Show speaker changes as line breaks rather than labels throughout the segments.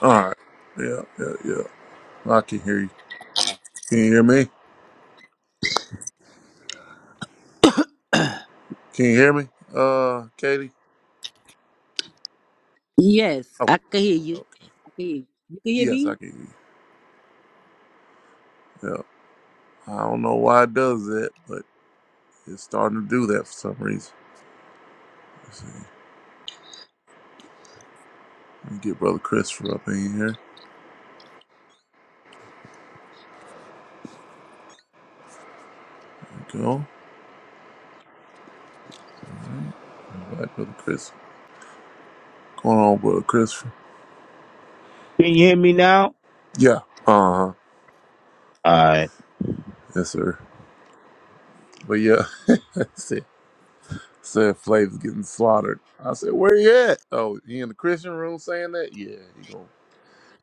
All right. Yeah, yeah, yeah. I can hear you. Can you hear me? Can you hear me? Uh, Katie.
Yes,
Oh,
I can hear you.
okay.
I can hear you. You can hear
Yes, I
me?
can hear you. Yeah. I don't know why it does that, but it's starting to do that for some reason. Let's see. Let me get Brother Christopher up in here. There we go. All right. Invite Brother Chris. Going on, Brother Christopher.
Can you hear me now?
Yeah. Uh huh.
All right.
Yes, sir. But yeah, said said Flav's getting slaughtered. I said, where he at? Oh, he in the Christian room saying that? Yeah, he going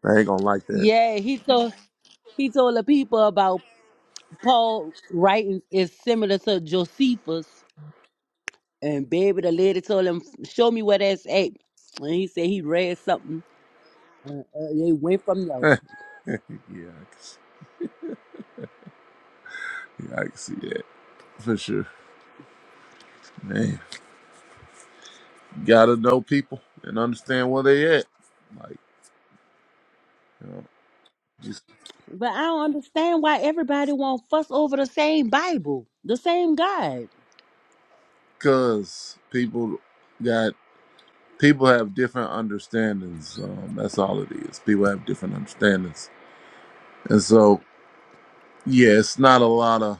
they ain't gonna like that.
Yeah, he told he told the people about Paul writing is similar to Josephus. And baby, the lady told him, "Show me where that's at." And he said he read something. Uh, uh, they went from there.
Yeah, I can see, yeah, I can see that for sure. Man, you gotta know people and understand where they at. Like, you know, just
But I don't understand why everybody want to fuss over the same Bible, the same God.
cause people got people have different understandings. Um, that's all it is. People have different understandings, and so yeah, it's not a lot of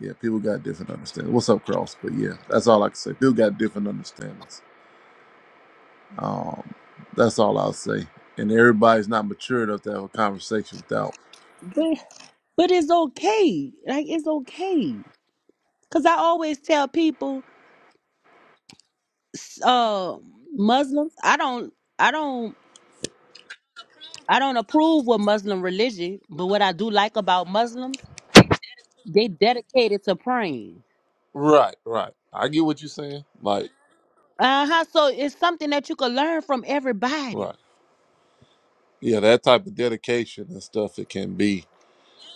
yeah. People got different understandings. What's up, Cross? But yeah, that's all I can say. People got different understandings. Um, that's all I'll say. And everybody's not mature enough to have a conversation without
But but it's okay. Like it's okay. Cause I always tell people, s- uh, Muslims, I don't, I don't I don't approve with Muslim religion, but what I do like about Muslims, they dedicated to praying.
Right, right. I get what you're saying. Like,
Uh huh. So it's something that you can learn from everybody.
right. Yeah, that type of dedication and stuff, it can be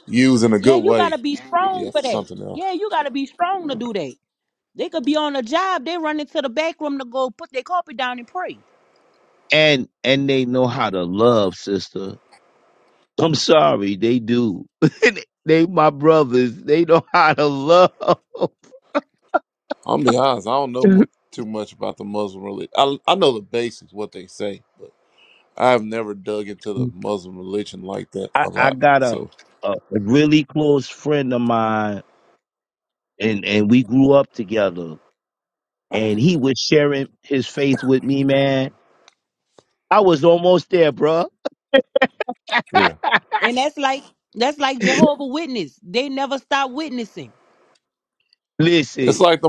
used in a
Yeah,
good
you
way.
gotta be
Yeah,
strong for
for
that.
something else.
Yeah, you gotta be strong to do that. They could be on a job, they run into the back room to go put their carpet down and pray.
And and they know how to love, sister. I'm sorry, they do. they my brothers. They know how to love.
I'm be honest, I don't know mu- too much about the Muslim religion. I, I know the basics, what they say, but I've never dug into the Muslim religion like that
I,
a
I
lot.
got a,
So,
a a really close friend of mine, and and we grew up together. And he was sharing his faith with me, man. I was almost there, bruh.
yeah.
And that's like that's like Jehovah Witness. They never stop witnessing.
It's
Listen,
like the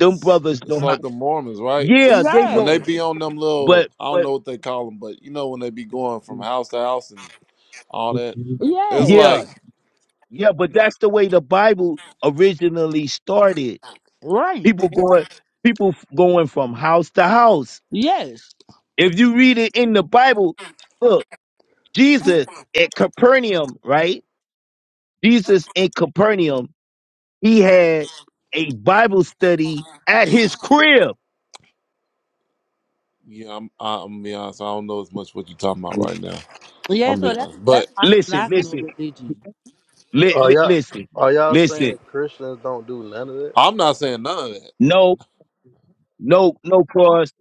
them brothers
It's
know how.
like the Mormons, right?
Yeah, they
When
know.
they
Yes.
be on them little,
But
I don't
but
know what they call them, but you know, when they be going from house to house and all that, it's
yeah,
Yes.
like,
Yeah, but that's the way the Bible originally started.
Right.
People going people f- going from house to house.
Yes.
If you read it in the Bible, look, Jesus at Capernaum, right? Jesus in Capernaum, he had a Bible study at his crib.
Yeah, I'm. I- I'm am be honest. I don't know as much what you're talking about right now.
Yeah,
I'm
so
be
that's
honest, but
that's why I don't
Listen,
like no
listen,
religion.
li-
Are
li-
y'all
listen,
are y'all
listen.
saying Christians don't do none of that?
I'm not saying none of that.
No, no, no cross.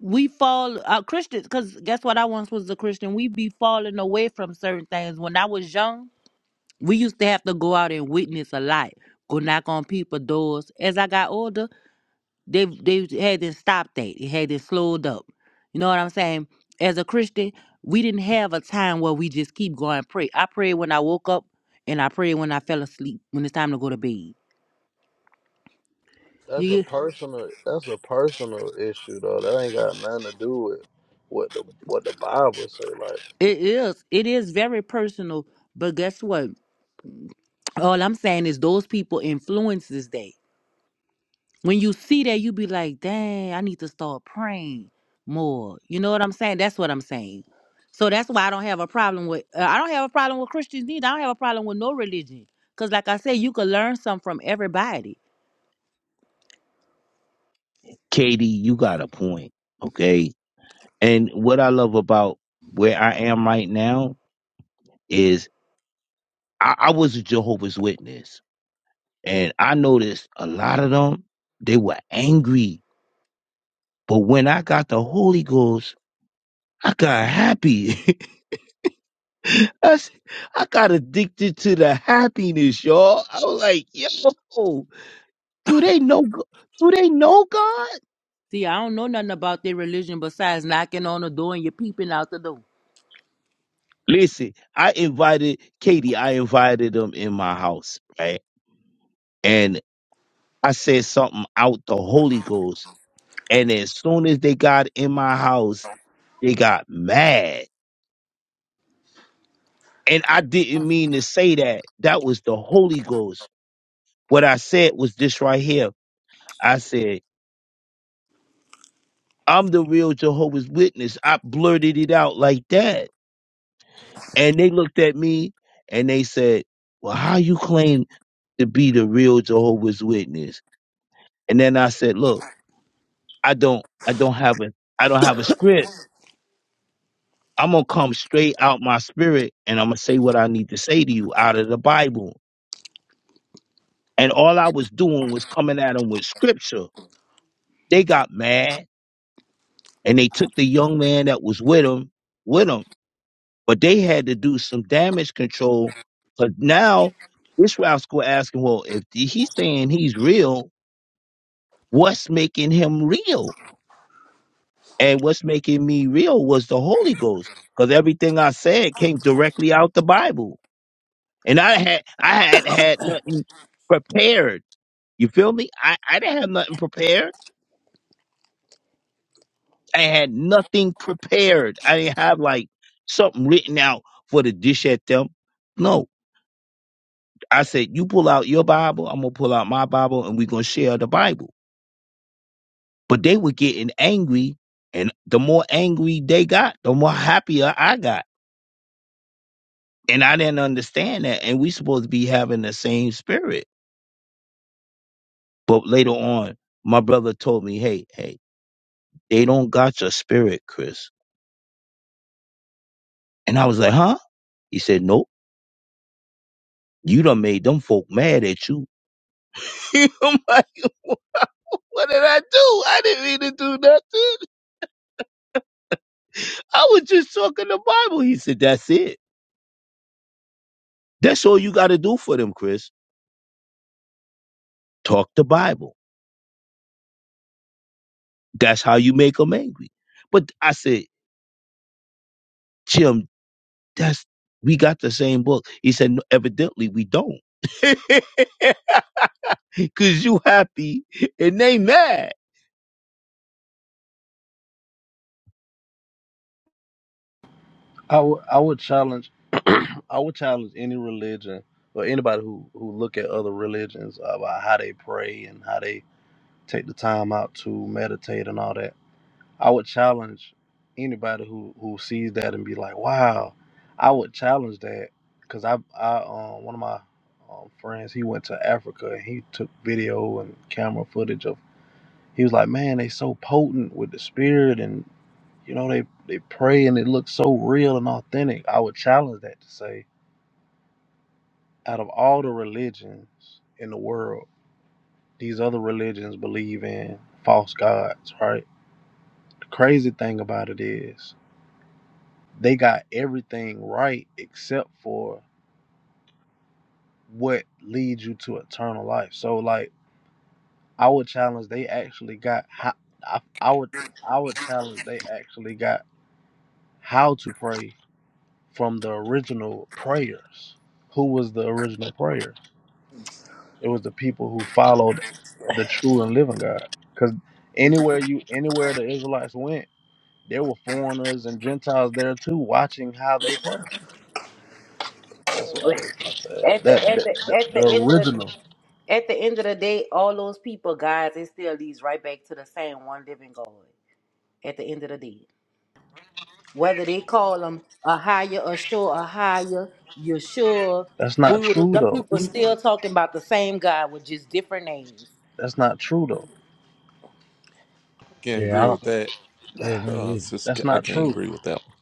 we fall uh, Christians because guess what? I once was a Christian. We be falling away from certain things. When I was young, we used to have to go out and witness a lot, go knock on people's doors. As I got older, they they had to stop that. It had it slowed up. You know what I'm saying? As a Christian, we didn't have a time where we just keep going pray. I prayed when I woke up, and I prayed when I fell asleep. When it's time to go to bed,
That's a
you,
personal that's a personal issue though. That ain't got nothing to do with what the what the Bible say. Like
it is it is very personal. But guess what? All I'm saying is those people influence this day. When you see that, you be like, dang, I need to start praying more. You know what I'm saying? That's what I'm saying. So that's why I don't have a problem with uh, I don't have a problem with Christians either. I don't have a problem with no religion. Cause like I said, you could learn something from everybody.
Katie, you got a point. Okay. And what I love about where I am right now is I, I was a Jehovah's Witness, and I noticed a lot of them they were angry. But when I got the Holy Ghost, I got happy. I, s- I got addicted to the happiness, y'all. I was like, yo, do they know? G- Do they know God?
See, I don't know nothing about their religion besides knocking on the door and you peeping out the door.
Listen, I invited Katie. I invited them in my house, right? And I said something out the Holy Ghost And as soon as they got in my house, they got mad. And I didn't mean to say that. That was the Holy Ghost. What I said was this right here. I said, I'm the real Jehovah's Witness. I blurted it out like that. And they looked at me and they said, Well, how you claim to be the real Jehovah's Witness? And then I said, Look, I don't I don't have a I don't have a script. I'm gonna come straight out my spirit and I'm gonna say what I need to say to you out of the Bible. And all I was doing was coming at them with scripture. They got mad and they took the young man that was with them, with them. But they had to do some damage control. But now this rascal asking, well, if he's saying he's real, what's making him real? And what's making me real was the Holy Ghost, because everything I said came directly out the Bible. and I had I had had nothing prepared. You feel me? I I didn't have nothing prepared. I had nothing prepared. I didn't have like something written out for the dish at them. No, I said you pull out your Bible, I'm gonna pull out my Bible, and we gonna share the Bible. But they were getting angry, and the more angry they got, the more happier I got. And I didn't understand that. And we supposed to be having the same spirit. But later on, my brother told me, "Hey, hey." They don't got your spirit, Chris. And I was like, huh? He said, nope. You done made them folk mad at you. I'm like, what did I do? I didn't mean to do nothing. I was just talking the Bible. He said, that's it. That's all you got to do for them, Chris. Talk the Bible. That's how you make them angry. But I said, Jim, that's, we got the same book. He said, no, evidently we don't. Cause you happy and they mad.
I would I would challenge I would challenge any religion or anybody who who look at other religions about how they pray and how they take the time out to meditate and all that. I would challenge anybody who who sees that and be like, "Wow!" I would challenge that because I I um one of my um, friends he went to Africa and he took video and camera footage of. He was like, "Man, they so potent with the spirit and you know they they pray and it looks so real and authentic." I would challenge that to say, out of all the religions in the world, these other religions believe in false gods, right? The crazy thing about it is They got everything right except for what leads you to eternal life. So like I would challenge they actually got how I, I would I would challenge they actually got how to pray from the original prayers. Who was the original prayer? It was the people who followed the true and living God. Because anywhere you anywhere the Israelites went, there were foreigners and Gentiles there too, watching how they pray. That's what I just said.
At the
That,
at
that
the
the,
at the
the
end of the
original.
at the end of the day, all those people, guys, it still leads right back to the same one living God. at the end of the day. Whether they call him a higher, a sure, a higher, Yeshua,
That's not
Buddha,
true
the
though.
people still talking about the same God with just different names.
That's not true though.
Can't
Yeah, I
agree with
don't.
that.
Yeah, me
Uh,
either.
sis,
That's
I
not
can't
true.
agree with that one.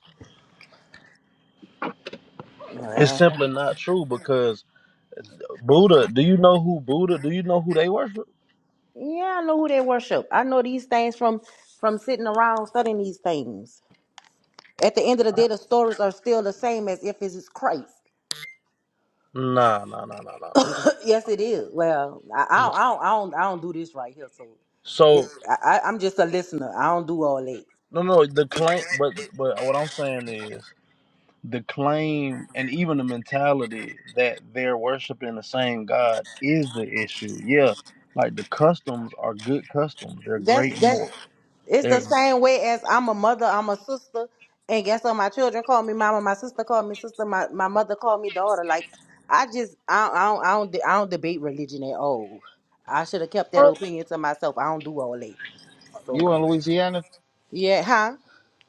It's
Yeah,
simply not true because Buddha. Do you know who Buddha? Do you know who they worship?
Yeah, I know who they worship. I know these things from from sitting around studying these things. At the end of the
I-
day, the stories are still the same as if it's Christ.
Nah, nah, nah, nah, nah, nah, nah.
yes, it is. Well, I, I,
No.
don't- I, don't, I don't, I don't do this right here, so
So
it's, I, I- I'm just a listener. I don't do all that.
no, no. The claim, but but what I'm saying is the claim and even the mentality that they're worshiping the same God is the issue. Yeah, like the customs are good customs. They're
That's
great
that's
more.
It's the
They're
same way as I'm a mother, I'm a sister, and guess what? My children call me mama, my sister called me sister, my, my mother called me daughter. Like I just I, I don't I don't de- I don't debate religion at all. I should have kept that
Are,
opinion to myself. I don't do all that. So
you in Louisiana?
yeah, huh?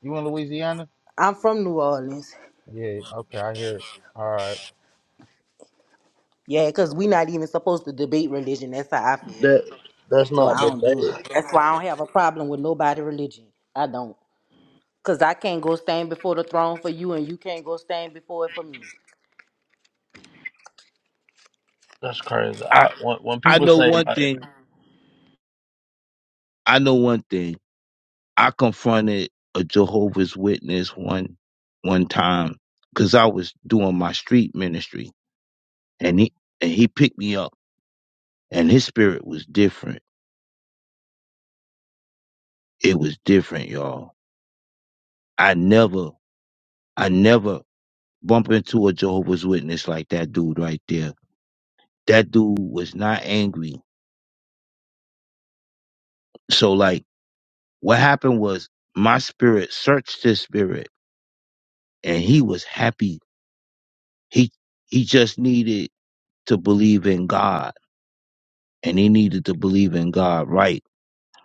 You in Louisiana?
I'm from New Orleans.
Yeah. Okay, I hear. It. All right.
Yeah, cause we not even supposed to debate religion. That's how I feel.
that. That's
So
not
I
the
don't do.
bad.
That's why I don't have a problem with nobody religion. I don't, cause I can't go stand before the throne for you, and you can't go stand before it for me.
That's crazy.
I,
I, when, when
I
people
know
say
one
like
thing I know one thing. I confronted a Jehovah's Witness one one time because I was doing my street ministry, and he and he picked me up, and his spirit was different. It was different, y'all. I never, I never bump into a Jehovah's Witness like that dude right there. That dude was not angry. So like, what happened was my spirit searched his spirit, and he was happy. He he just needed to believe in God and they needed to believe in God right.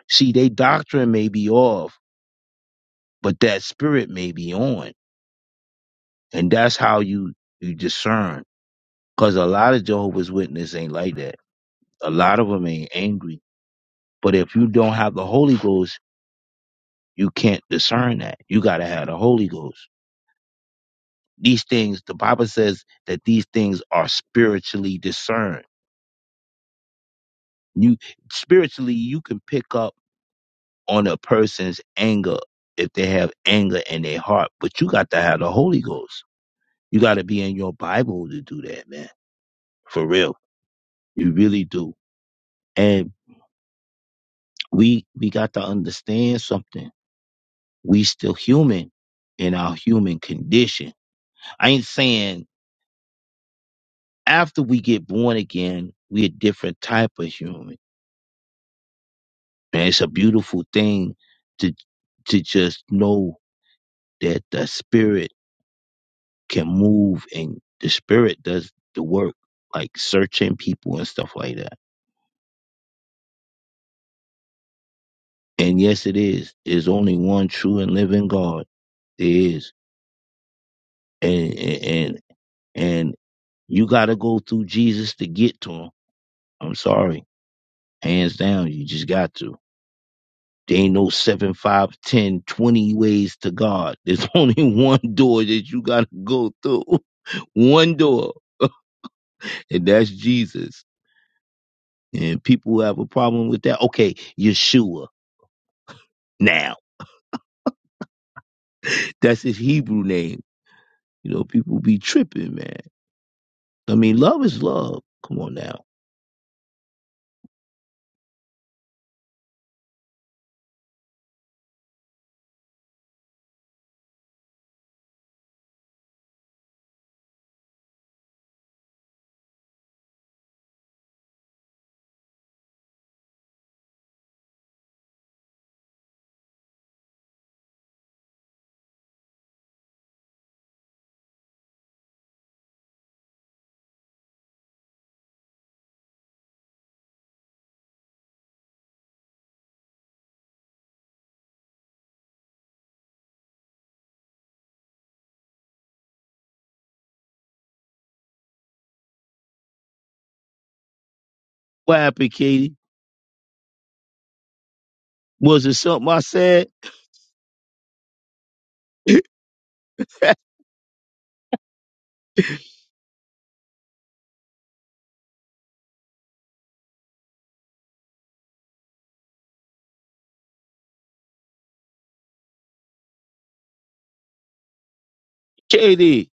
See, they doctrine may be off, but that spirit may be on. And that's how you, you discern. Cause a lot of Jehovah's Witnesses ain't like that. A lot of them ain't angry. But if you don't have the Holy Ghost, you can't discern that. You gotta have the Holy Ghost. These things, the Bible says that these things are spiritually discerned. You spiritually, you can pick up on a person's anger if they have anger in their heart. But you got to have the Holy Ghost. You got to be in your Bible to do that, man. For real. You really do. And we we got to understand something. We still human in our human condition. I ain't saying after we get born again, we a different type of human. And it's a beautiful thing to to just know that the spirit can move and the spirit does the work, like searching people and stuff like that. And yes, it is. There's only one true and living God. There is. And and and, and you gotta go through Jesus to get to him. I'm sorry. Hands down, you just got to. There ain't no seven, five, ten, twenty ways to God. There's only one door that you gotta go through. One door. And that's Jesus. And people who have a problem with that, okay, Yeshua now. That's his Hebrew name. You know, people be tripping, man. I mean, love is love. Come on now. What happened, Katie? Was it something I said? Katie.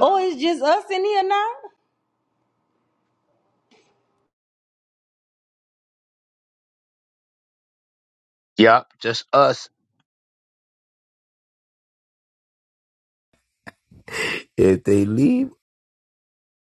Oh, it's just us in here now?
Yup, just us. If they leave.